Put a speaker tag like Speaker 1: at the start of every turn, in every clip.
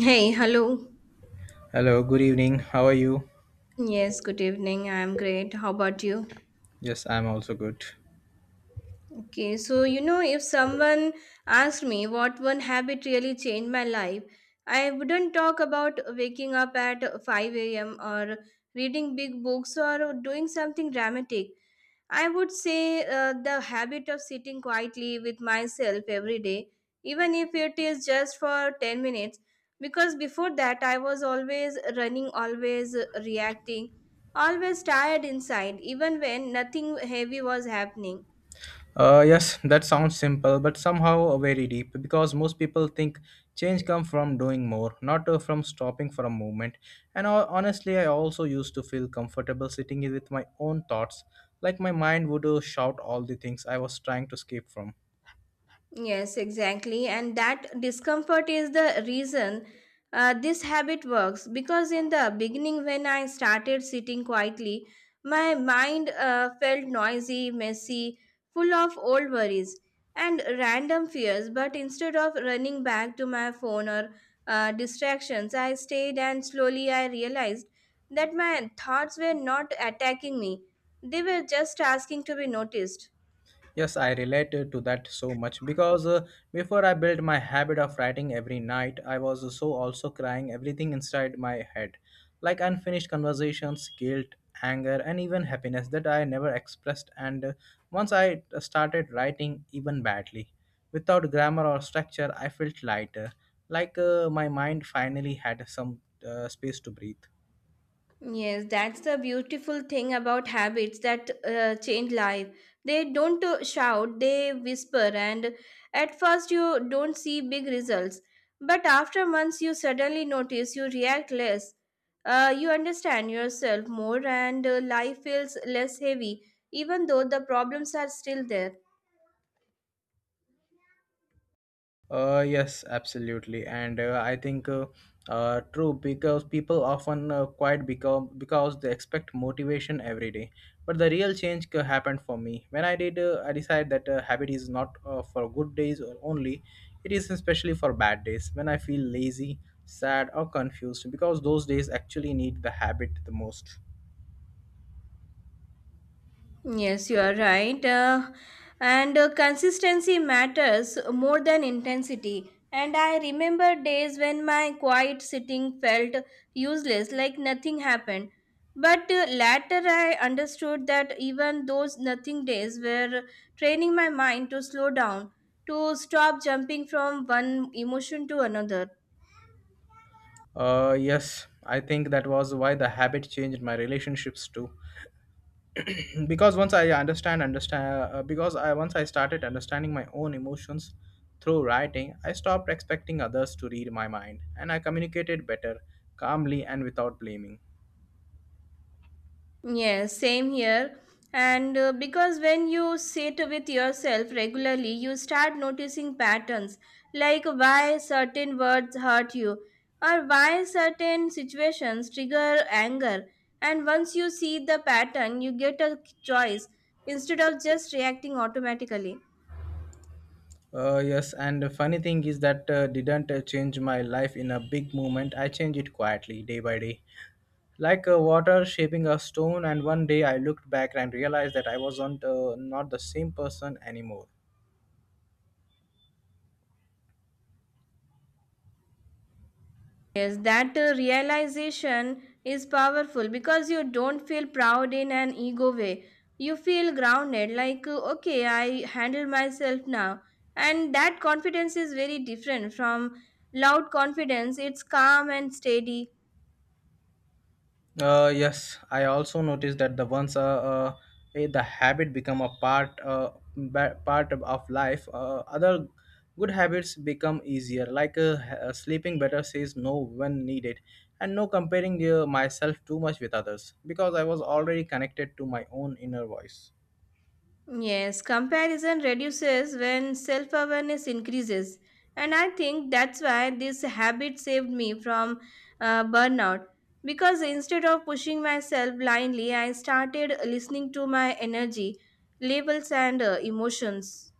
Speaker 1: Hey, hello.
Speaker 2: Hello, good evening. How are you?
Speaker 1: Yes, good evening. I'm great. How about you?
Speaker 2: Yes, I'm also good.
Speaker 1: Okay, so you know, if someone asked me what one habit really changed my life, I wouldn't talk about waking up at 5 a.m. or reading big books or doing something dramatic. I would say the habit of sitting quietly with myself every day, even if it is just for 10 minutes, because before that I was always running, always reacting, always tired inside, even when nothing heavy was happening.
Speaker 2: Yes, that sounds simple, but somehow very deep because most people think change comes from doing more, not from stopping for a moment. And honestly, I also used to feel comfortable sitting with my own thoughts, like my mind would shout all the things I was trying to escape from.
Speaker 1: Yes, exactly. And that discomfort is the reason this habit works. Because in the beginning, when I started sitting quietly, my mind felt noisy, messy, full of old worries and random fears. But instead of running back to my phone or distractions, I stayed and slowly I realized that my thoughts were not attacking me, they were just asking to be noticed.
Speaker 2: Yes, I relate to that so much because before I built my habit of writing every night, I was so also crying everything inside my head, like unfinished conversations, guilt, anger, and even happiness that I never expressed. And once I started writing, even badly, without grammar or structure, I felt lighter, like my mind finally had some space to breathe.
Speaker 1: Yes, that's the beautiful thing about habits that change life. They don't shout, they whisper, and at first you don't see big results. But after months, you suddenly notice you react less. You understand yourself more, and life feels less heavy, even though the problems are still there.
Speaker 2: Yes, absolutely, and I think true because people often quite become because they expect motivation every day. But the real change happened for me when I did. I decided that habit is not for good days only; it is especially for bad days when I feel lazy, sad, or confused because those days actually need the habit the most.
Speaker 1: Yes, you are right. And consistency matters more than intensity. And I remember days when my quiet sitting felt useless, like nothing happened. But later I understood that even those nothing days were training my mind to slow down, to stop jumping from one emotion to another.
Speaker 2: Yes, I think that was why the habit changed my relationships too. Because once I started understanding my own emotions through writing, I stopped expecting others to read my mind, and I communicated better, calmly and without blaming.
Speaker 1: Yes, same here. And because when you sit with yourself regularly, you start noticing patterns like why certain words hurt you or why certain situations trigger anger. And once you see the pattern, you get a choice instead of just reacting automatically.
Speaker 2: Yes, and the funny thing is that didn't change my life in a big moment. I changed it quietly day by day, like water shaping a stone, and one day I looked back and realized that I wasn't not the same person anymore.
Speaker 1: Yes, that realization is powerful because you don't feel proud in an ego way. You feel grounded, like, okay, I handle myself now. And that confidence is very different from loud confidence. It's calm and steady.
Speaker 2: Yes, I also noticed that the once eh, the habit become a part of life, other good habits become easier. Like sleeping better, says no when needed, and no comparing myself too much with others because I was already connected to my own inner voice.
Speaker 1: Yes, comparison reduces when self awareness increases. And I think that's why this habit saved me from burnout. Because instead of pushing myself blindly, I started listening to my energy, labels, and emotions.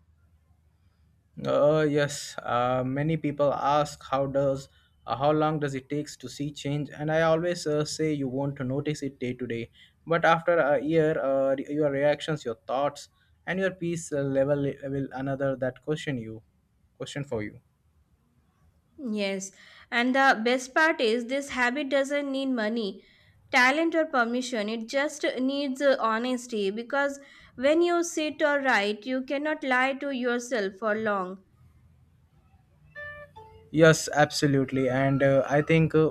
Speaker 2: Yes, many people ask how does how long does it takes to see change, and I always say you want to notice it day to day. But after a year, your reactions, your thoughts, and your peace level will another that question for you.
Speaker 1: Yes, and the best part is this habit doesn't need money, talent, or permission. It just needs honesty because when you sit or write, you cannot lie to yourself for long.
Speaker 2: Yes, absolutely, and uh, I think uh,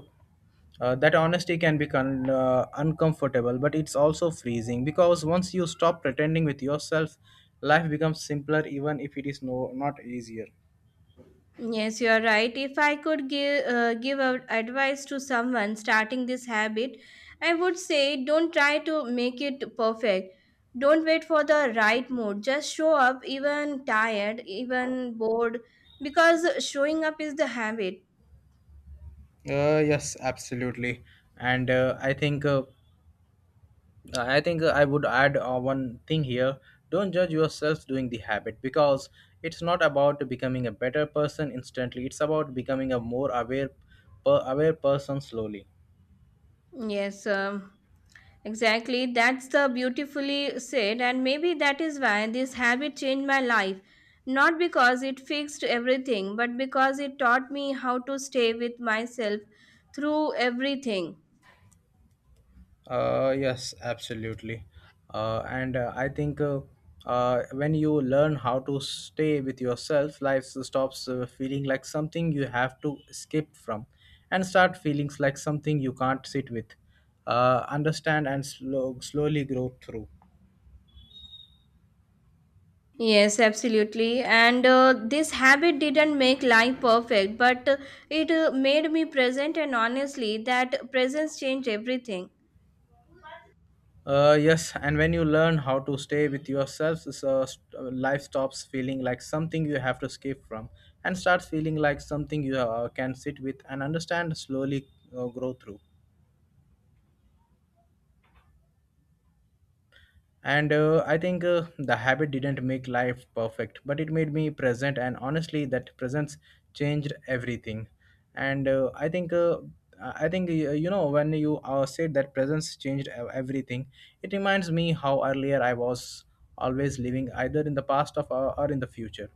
Speaker 2: uh, that honesty can be uncomfortable, but it's also freezing because once you stop pretending with yourself, life becomes simpler, even if it is not easier.
Speaker 1: Yes, you are right. If I could give out advice to someone starting this habit, I would say don't try to make it perfect. Don't wait for the right mood. Just show up even tired, even bored because showing up is the habit.
Speaker 2: Yes, absolutely. And I think I would add one thing here. Don't judge yourself doing the habit because it's not about becoming a better person instantly. It's about becoming a more aware person slowly.
Speaker 1: Yes, exactly, that's the beautifully said, and maybe that is why this habit changed my life. Not because it fixed everything, but because it taught me how to stay with myself through everything.
Speaker 2: Yes, absolutely. And I think when you learn how to stay with yourself, life stops feeling like something you have to escape from and start feelings like something you can't sit with, understand, and slowly grow through.
Speaker 1: Yes, absolutely. And this habit didn't make life perfect, but it made me present, and honestly, that presence changed everything.
Speaker 2: Yes, and when you learn how to stay with yourself, life stops feeling like something you have to escape from and starts feeling like something you can sit with and understand, slowly grow through. And I think the habit didn't make life perfect, but it made me present. And honestly, that presence changed everything. And I think. I think you know when you said that presence changed everything. It reminds me how earlier I was always living either in the past of or in the future,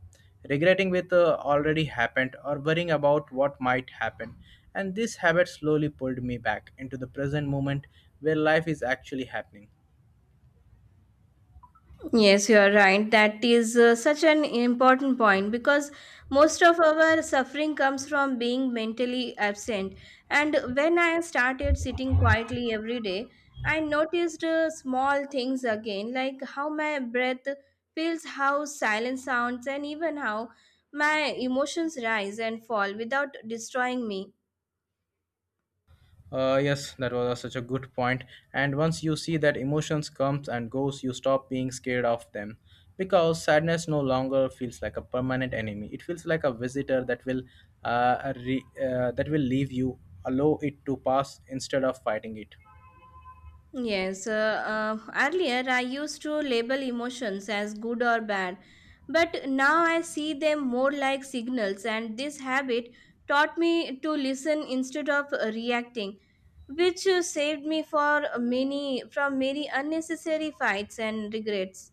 Speaker 2: regretting with already happened or worrying about what might happen. And this habit slowly pulled me back into the present moment where life is actually happening.
Speaker 1: Yes, you are right. That is such an important point because most of our suffering comes from being mentally absent. And when I started sitting quietly every day, I noticed small things again, like how my breath feels, how silence sounds, and even how my emotions rise and fall without destroying me.
Speaker 2: Yes, that was such a good point. And once you see that emotions comes and goes, you stop being scared of them, because sadness no longer feels like a permanent enemy. It feels like a visitor that will, that will leave you, allow it to pass instead of fighting it.
Speaker 1: Yes, earlier I used to label emotions as good or bad, but now I see them more like signals, and this habit taught me to listen instead of reacting, which saved me for many from many unnecessary fights and regrets.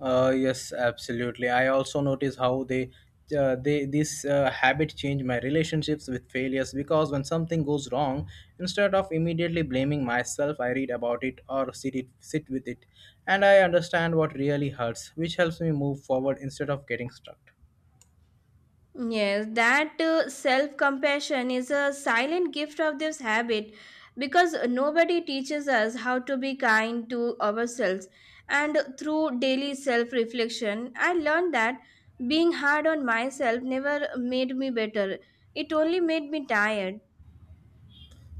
Speaker 2: Yes, absolutely. I also notice how they this habit change my relationships with failures because when something goes wrong, instead of immediately blaming myself, I read about it or sit with it, and I understand what really hurts, which helps me move forward instead of getting stuck.
Speaker 1: Yes, that self compassion is a silent gift of this habit because nobody teaches us how to be kind to ourselves. And through daily self reflection, I learned that being hard on myself never made me better, it only made me tired.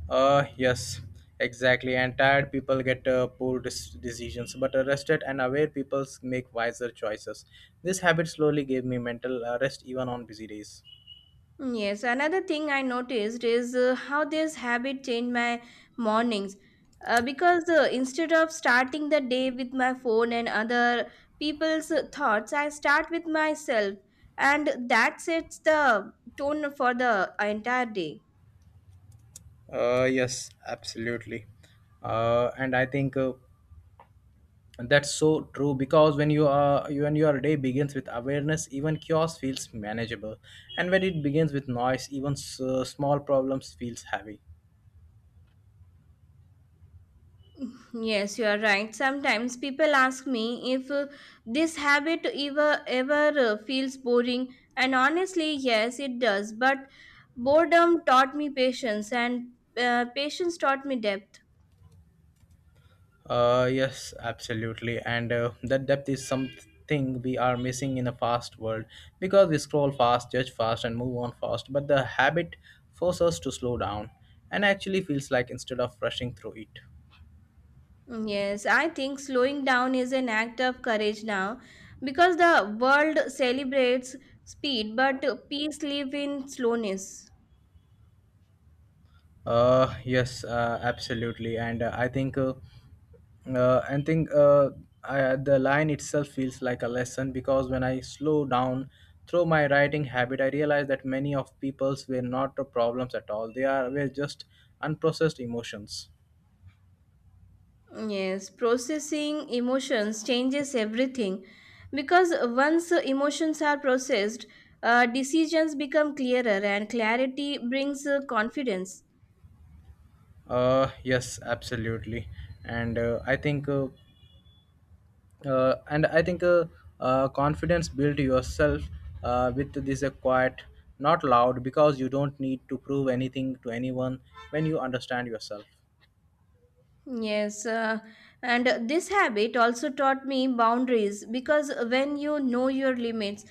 Speaker 2: Yes, exactly. And tired people get poor decisions, but rested and aware people make wiser choices. This habit slowly gave me mental rest even on busy days.
Speaker 1: Yes, another thing I noticed is how this habit changed my mornings. Because instead of starting the day with my phone and other people's thoughts, I start with myself, and that sets the tone for the entire day.
Speaker 2: Yes, absolutely. And I think that's so true because when your day begins with awareness, even chaos feels manageable, and when it begins with noise, even small problems feels heavy.
Speaker 1: Yes, you are right. Sometimes people ask me if this habit ever feels boring, and honestly, yes, it does. But boredom taught me patience, and patience taught me depth.
Speaker 2: Yes, absolutely. And that depth is something we are missing in a fast world because we scroll fast, judge fast, and move on fast. But the habit forces us to slow down and actually feels like instead of rushing through it.
Speaker 1: Mm, yes, I think slowing down is an act of courage now because the world celebrates speed, but peace lives in slowness.
Speaker 2: Yes, absolutely, and I think, I think I, the line itself feels like a lesson because when I slow down through my writing habit, I realized that many of people's were not the problems at all. They are were just unprocessed emotions.
Speaker 1: Mm, yes, processing emotions changes everything because once emotions are processed, decisions become clearer, and clarity brings confidence.
Speaker 2: Yes, absolutely, and I think. And I think confidence built yourself with this quiet, not loud, because you don't need to prove anything to anyone when you understand yourself.
Speaker 1: Yes, and this habit also taught me boundaries because when you know your limits,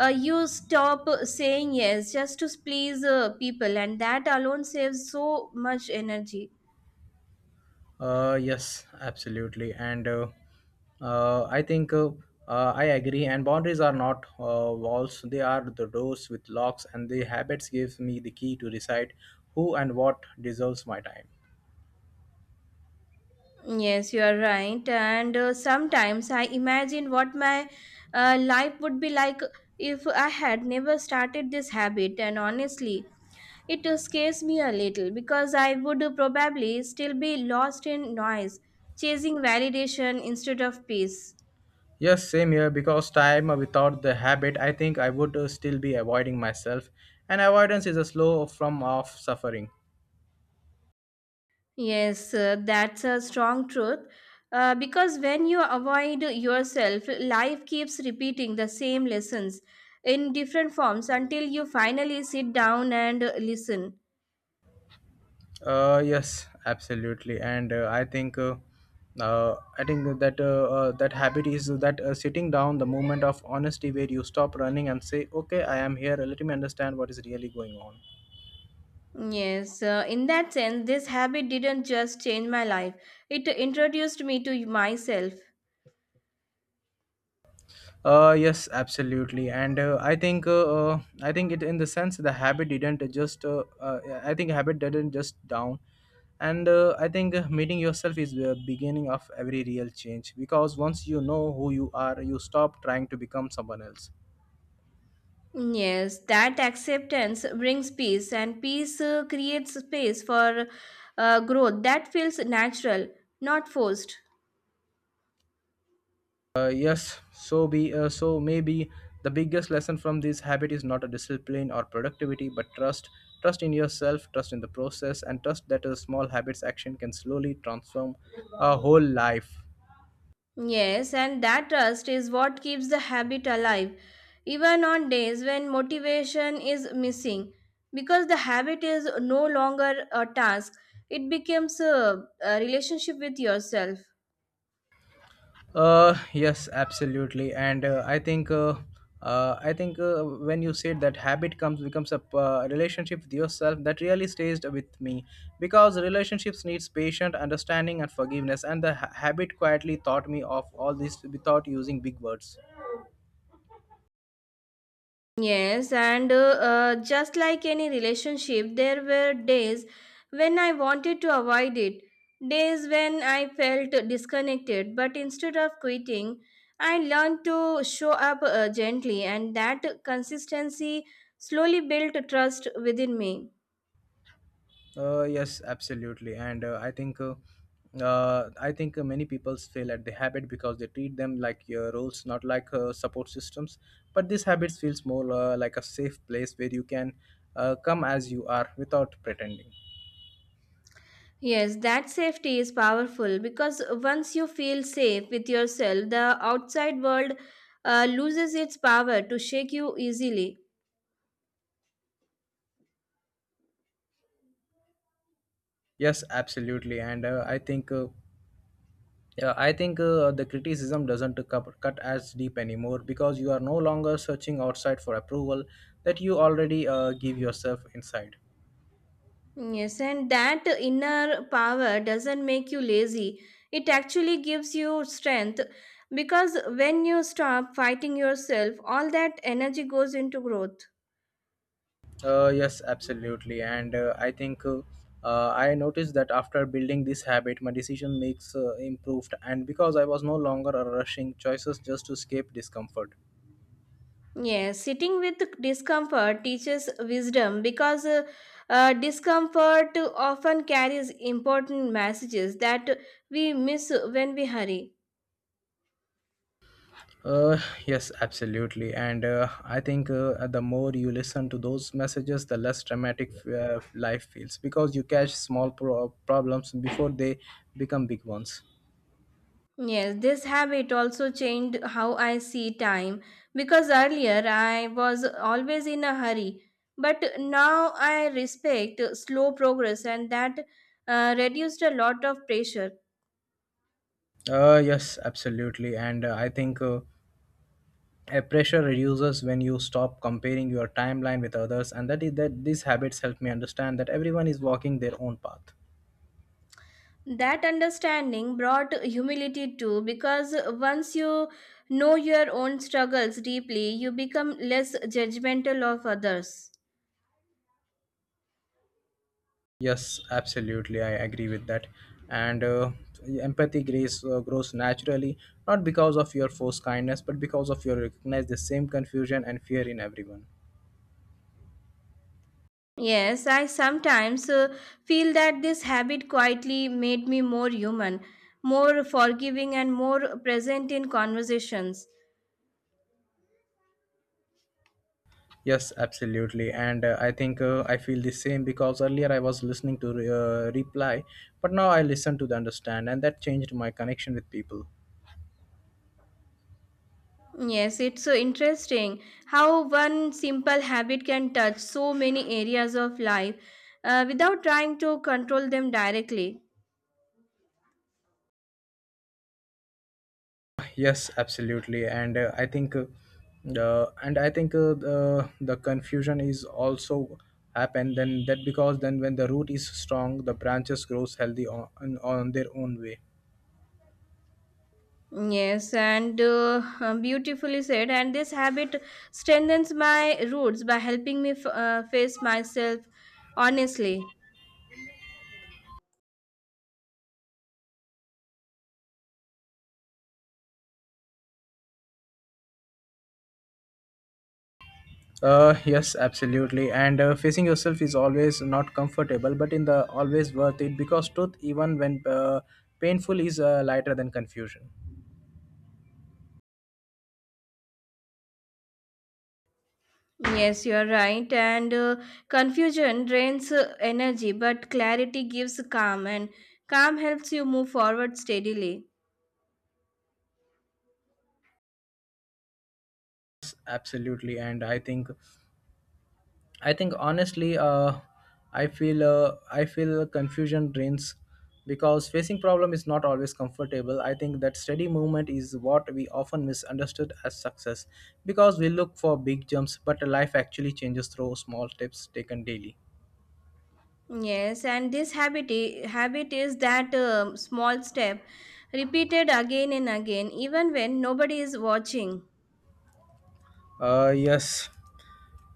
Speaker 1: you stop saying yes just to please people, and that alone saves so much energy.
Speaker 2: Yes, absolutely, and uh, i think uh, I agree, and boundaries are not walls. They are the doors with locks, and the habits gives me the key to decide who and what deserves my time.
Speaker 1: Yes, you are right. And sometimes I imagine what my life would be like if I had never started this habit, and honestly, it scares me a little because I would probably still be lost in noise, chasing validation instead of peace.
Speaker 2: Yes, same here. Because time without the habit, I think I would still be avoiding myself. And avoidance is a slow from of suffering.
Speaker 1: Yes, that's a strong truth. Because when you avoid yourself, life keeps repeating the same lessons in different forms until you finally sit down and listen.
Speaker 2: Yes, absolutely. And I think that that habit is that sitting down, the moment of honesty, where you stop running and say, "Okay, I am here. Let me understand what is really going on."
Speaker 1: Yes, in that sense, this habit didn't just change my life, it introduced me to myself.
Speaker 2: Yes, absolutely, and I think it in the sense the habit didn't just I think habit didn't just down, and I think meeting yourself is the beginning of every real change because once you know who you are, you stop trying to become someone else.
Speaker 1: Yes, that acceptance brings peace, and peace creates space for growth that feels natural, not forced.
Speaker 2: Yes, so maybe the biggest lesson from this habit is not a discipline or productivity, but trust, trust in yourself, trust in the process, and trust that a small habits action can slowly transform a whole life.
Speaker 1: Yes, and that trust is what keeps the habit alive, even on days when motivation is missing. Because the habit is no longer a task, it becomes a relationship with yourself.
Speaker 2: Yes, absolutely, and I think when you said that habit comes becomes a relationship with yourself, that really stays with me because relationships needs patient understanding and forgiveness, and the habit quietly taught me of all this without using big words.
Speaker 1: Yes, and just like any relationship, there were days when I wanted to avoid it, days when I felt disconnected. But instead of quitting, I learned to show up gently, and that consistency slowly built trust within me.
Speaker 2: Yes, absolutely, and I think many people fail at the habit because they treat them like roles, not like support systems. But this habit feels more like a safe place where you can come as you are without pretending.
Speaker 1: Yes, that safety is powerful because once you feel safe with yourself, the outside world loses its power to shake you easily.
Speaker 2: Yes, absolutely, and I think the criticism doesn't cut as deep anymore because you are no longer searching outside for approval that you already give yourself inside.
Speaker 1: Yes, and that inner power doesn't make you lazy. It actually gives you strength because when you stop fighting yourself, all that energy goes into growth.
Speaker 2: Yes, absolutely. And I think I noticed that after building this habit, my decision makes improved. And because I was no longer rushing choices just to escape discomfort.
Speaker 1: Yes, sitting with discomfort teaches wisdom because discomfort often carries important messages that we miss when we hurry.
Speaker 2: Uh, yes, absolutely. And I think the more you listen to those messages, the less dramatic life feels because you catch small problems before they become big ones.
Speaker 1: Yes, this habit also changed how I see time because earlier I was always in a hurry, but now I respect slow progress and that reduced a lot of pressure.
Speaker 2: Yes, absolutely. And I think. A pressure reduces when you stop comparing your timeline with others, and that is that these habits help me understand that everyone is walking their own path.
Speaker 1: That understanding brought humility too because once you know your own struggles deeply, you become less judgmental of others.
Speaker 2: Yes, absolutely, I agree with that. And empathy grows, grows naturally, not because of your forced kindness but because of your recognize the same confusion and fear in everyone.
Speaker 1: Yes, I sometimes feel that this habit quietly made me more human, more forgiving, and more present in conversations.
Speaker 2: Yes, absolutely. And uh, i think uh, i feel the same because earlier I was listening to reply, but now I listen to the understand, and that changed my connection with people.
Speaker 1: Yes, it's so interesting how one simple habit can touch so many areas of life without trying to control them directly.
Speaker 2: Yes, absolutely. And I think and I think the confusion is also happen then that because then when the root is strong the branches grows healthy on their own way.
Speaker 1: Yes, and beautifully said. And this habit strengthens my roots by helping me face myself honestly.
Speaker 2: Yes, absolutely. And Facing yourself is always not comfortable, but in the always worth it because truth, even when painful, is lighter than confusion.
Speaker 1: Yes, you are right. And confusion drains energy, but clarity gives calm, and calm helps you move forward steadily.
Speaker 2: Yes, absolutely. And i think I think honestly, I feel, I feel confusion drains because facing problem is not always comfortable. I think that steady movement is what we often misunderstood as success because we look for big jumps, but life actually changes through small steps taken daily.
Speaker 1: Yes, and this habit, habit is that small step repeated again and again, even when nobody is watching.
Speaker 2: Uh, yes.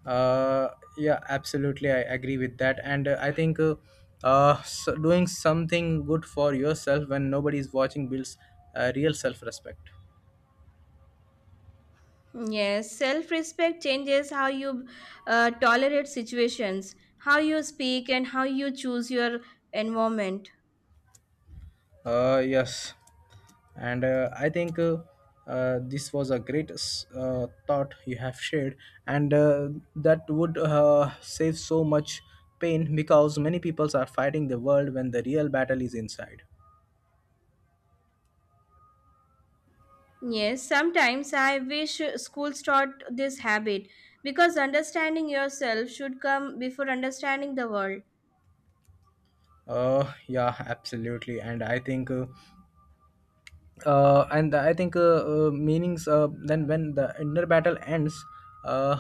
Speaker 2: Uh, yeah, absolutely. I agree with that. And I think so doing something good for yourself when nobody is watching builds real self-respect.
Speaker 1: Yes, self respect changes how you tolerate situations, how you speak, and how you choose your environment.
Speaker 2: Yes. and I think this was a great thought you have shared, and that would save so much pain because many peoples are fighting the world when the real battle is inside.
Speaker 1: Yes, sometimes I wish schools taught this habit because understanding yourself should come before understanding the world.
Speaker 2: Yeah, absolutely. And I think and I think Meanings then when the inner battle ends, uh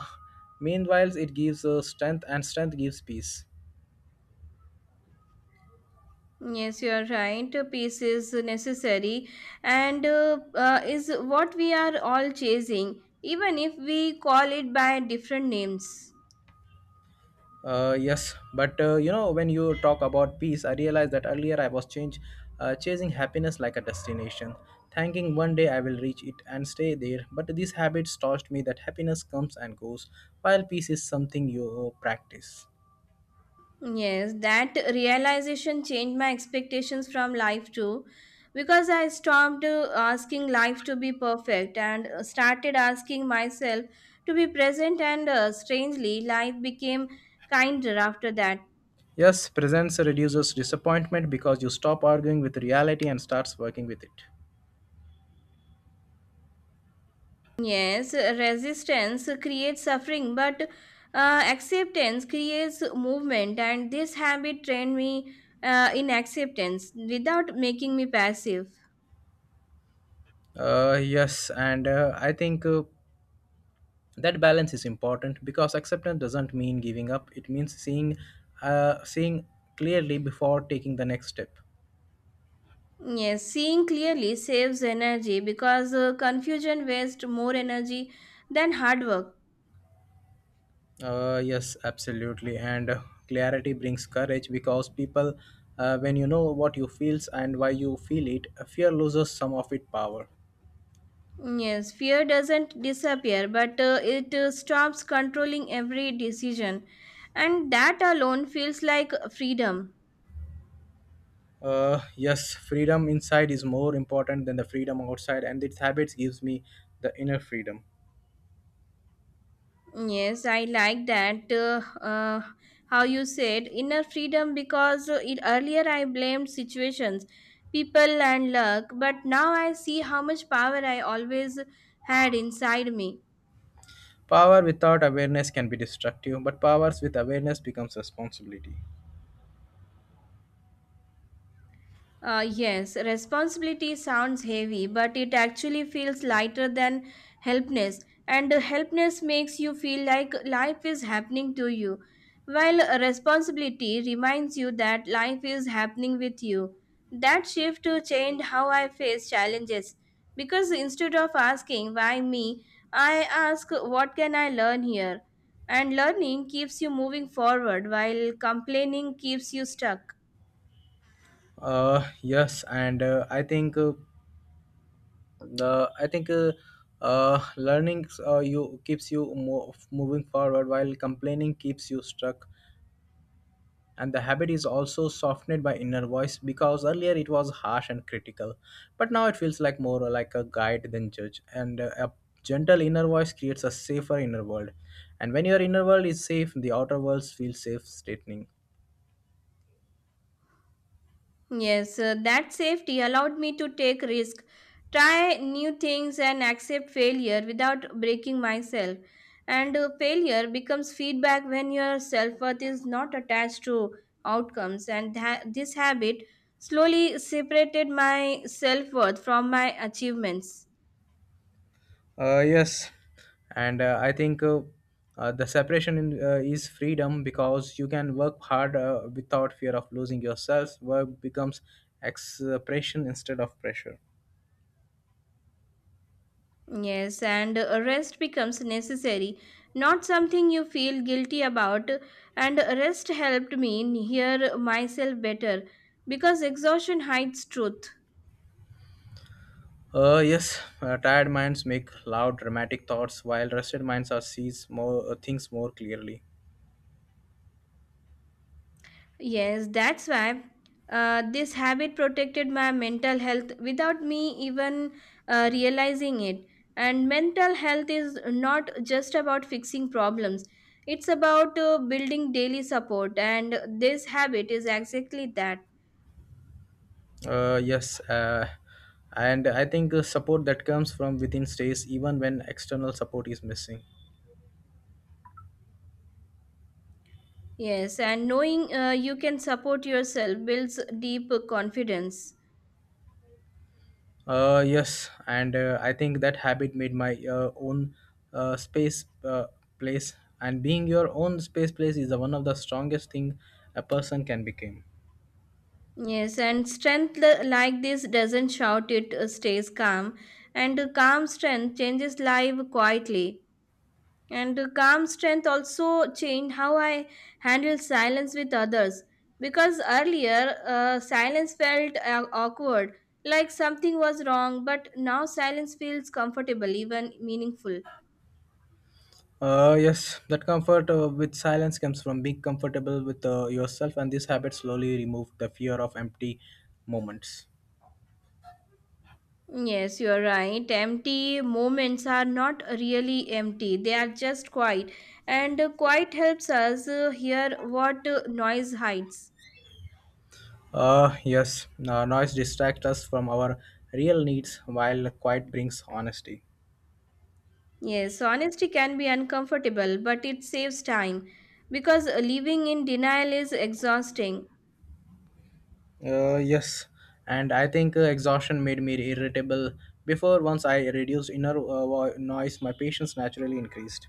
Speaker 2: meanwhile it gives strength, and strength gives peace.
Speaker 1: Yes, you are right. Peace is necessary and is what we are all chasing, even if we call it by different names.
Speaker 2: Yes, but you know, when you talk about peace, I realized that earlier I was chasing happiness like a destination, thinking one day I will reach it and stay there. But these habits taught me that happiness comes and goes, while peace is something you practice.
Speaker 1: Yes, that realization changed my expectations from life too because I stopped asking life to be perfect and started asking myself to be present and strangely life became kinder after that.
Speaker 2: Yes, presence reduces disappointment because you stop arguing with reality and starts working with it.
Speaker 1: Yes, resistance creates suffering but acceptance creates movement and this habit trained me in acceptance without making me passive.
Speaker 2: Yes, and I think. That balance is important because acceptance doesn't mean giving up, it means seeing, seeing clearly before taking the next step.
Speaker 1: Yes, seeing clearly saves energy because confusion wastes more energy than hard work.
Speaker 2: Yes absolutely. And Clarity brings courage because people, when you know what you feels and why you feel it, fear loses some of its power.
Speaker 1: Yes, fear doesn't disappear, but it stops controlling every decision, and that alone feels like freedom.
Speaker 2: Yes, freedom inside is more important than the freedom outside, and its habits gives me the inner freedom.
Speaker 1: Yes, I like that. How you said inner freedom because earlier I blamed situations, people, and luck, but now I see how much power I always had inside me.
Speaker 2: Power without awareness can be destructive, but powers with awareness becomes responsibility.
Speaker 1: Yes, responsibility sounds heavy, but it actually feels lighter than helpness. And helpness makes you feel like life is happening to you, while responsibility reminds you that life is happening with you. That shift to change how I face challenges. Because instead of asking, why me, I ask, what can I learn here? And learning keeps you moving forward, while complaining keeps you stuck.
Speaker 2: Yes, and I think the I think learning you keeps you moving forward, while complaining keeps you stuck. And the habit is also softened by inner voice because earlier it was harsh and critical, but now it feels like more like a guide than judge. And a gentle inner voice creates a safer inner world, and when your inner world is safe, the outer world feels safe, straightening.
Speaker 1: Yes, that safety allowed me to take risk, try new things and accept failure without breaking myself. And failure becomes feedback when your self-worth is not attached to outcomes and this habit slowly separated my self-worth from my achievements.
Speaker 2: Yes, and I think the separation is freedom because you can work hard without fear of losing yourself. Work becomes expression instead of pressure.
Speaker 1: Yes, and rest becomes necessary, not something you feel guilty about. And rest helped me hear myself better because exhaustion hides truth.
Speaker 2: Yes, Tired minds make loud, dramatic thoughts, while rested minds are sees more things more clearly.
Speaker 1: Yes, that's why this habit protected my mental health without me even realizing it. And mental health is not just about fixing problems, it's about building daily support, and this habit is exactly that.
Speaker 2: Yes, and I think support that comes from within stays even when external support is missing.
Speaker 1: Yes, and knowing you can support yourself builds deep confidence.
Speaker 2: Yes, and I think that habit made my own space place, and being your own space place is the one of the strongest thing a person can become.
Speaker 1: Yes, and strength like this doesn't shout, it stays calm. And calm strength changes life quietly. And calm strength also changed how I handle silence with others. Because earlier, silence felt awkward, like something was wrong, but now silence feels comfortable, even meaningful.
Speaker 2: Yes, that comfort with silence comes from being comfortable with yourself, and this habit slowly remove the fear of empty moments.
Speaker 1: Yes, you are right. Empty moments are not really empty, they are just quiet. And quiet helps us hear what noise hides.
Speaker 2: Yes, Noise distracts us from our real needs, while quiet brings honesty.
Speaker 1: Yes, honesty can be uncomfortable, but it saves time because living in denial is exhausting.
Speaker 2: Yes, and I think exhaustion made me irritable. Before, once I reduced inner noise, my patience naturally increased.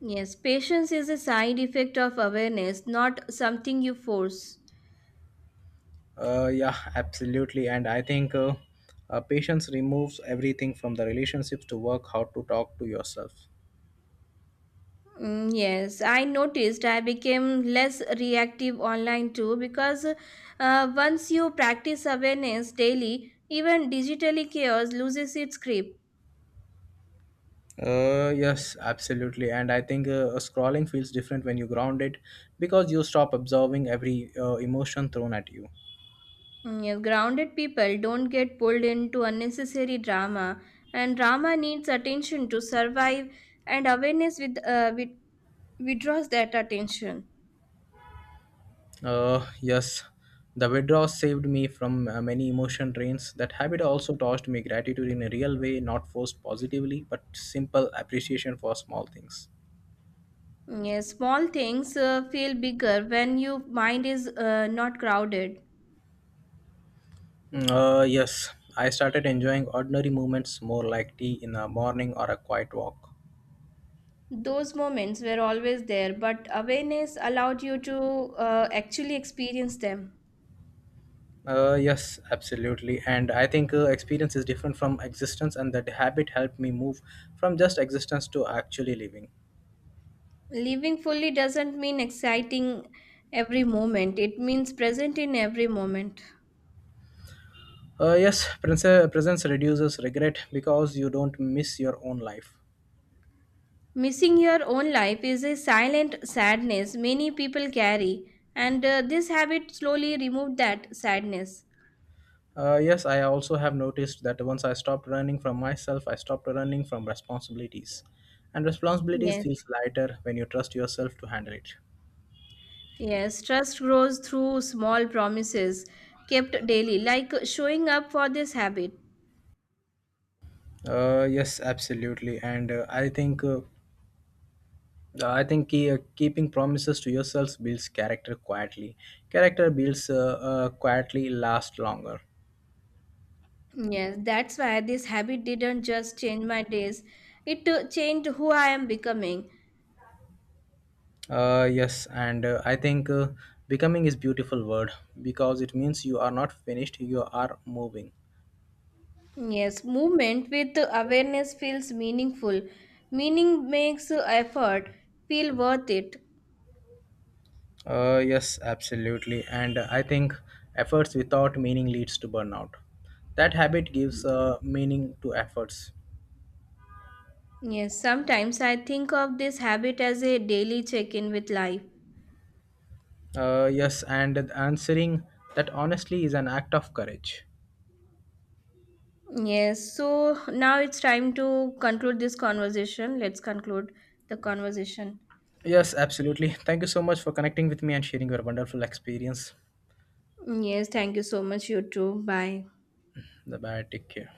Speaker 1: Yes, patience is a side effect of awareness, not something you force.
Speaker 2: Yeah, absolutely. And I think patience removes everything from the relationships to work, how to talk to yourself.
Speaker 1: Mm, yes, I noticed I became less reactive online too because once you practice awareness daily, even digitally chaos loses its grip.
Speaker 2: Yes, absolutely. And I think scrolling feels different when you ground it because you stop absorbing every emotion thrown at you.
Speaker 1: Mm, yes, grounded people don't get pulled into unnecessary drama, and drama needs attention to survive, and awareness with withdraws that attention.
Speaker 2: Yes, the withdrawal saved me from many emotion drains. That habit also taught me gratitude in a real way, not forced positively, but simple appreciation for small things.
Speaker 1: Mm, yes, small things feel bigger when your mind is not crowded.
Speaker 2: Yes, I started enjoying ordinary moments more like tea in the morning or a quiet walk.
Speaker 1: Those moments were always there, but awareness allowed you to actually experience them.
Speaker 2: Yes, absolutely. And I think experience is different from existence, and that habit helped me move from just existence to actually living.
Speaker 1: Living fully doesn't mean exciting every moment, it means present in every moment.
Speaker 2: Presence reduces regret because you don't miss your own life.
Speaker 1: Missing your own life is a silent sadness many people carry, and this habit slowly removed that sadness.
Speaker 2: Yes, I also have noticed that once I stopped running from myself, I stopped running from responsibilities. And responsibilities
Speaker 1: Yes,
Speaker 2: feels lighter when you trust yourself to handle it.
Speaker 1: yes, trust grows through small promises kept daily, like showing up for this habit.
Speaker 2: Yes, absolutely. And I think ke- keeping promises to yourselves builds character quietly. Character builds quietly last longer.
Speaker 1: Yes, that's why this habit didn't just change my days, it changed who I am becoming.
Speaker 2: Yes, and I think becoming is beautiful word because it means you are not finished, you are moving.
Speaker 1: Yes, movement with awareness feels meaningful. Meaning makes effort feel worth it.
Speaker 2: Yes, absolutely. And I think efforts without meaning leads to burnout. That habit gives meaning to efforts.
Speaker 1: Yes, sometimes I think of this habit as a daily check in with life.
Speaker 2: Yes, and answering that honestly is an act of courage.
Speaker 1: Yes, so now it's time to conclude this conversation. Let's conclude the conversation.
Speaker 2: Yes, absolutely. Thank you so much for connecting with me and sharing your wonderful experience.
Speaker 1: Yes, thank you so much, you too. Bye.
Speaker 2: Bye bye. Take care.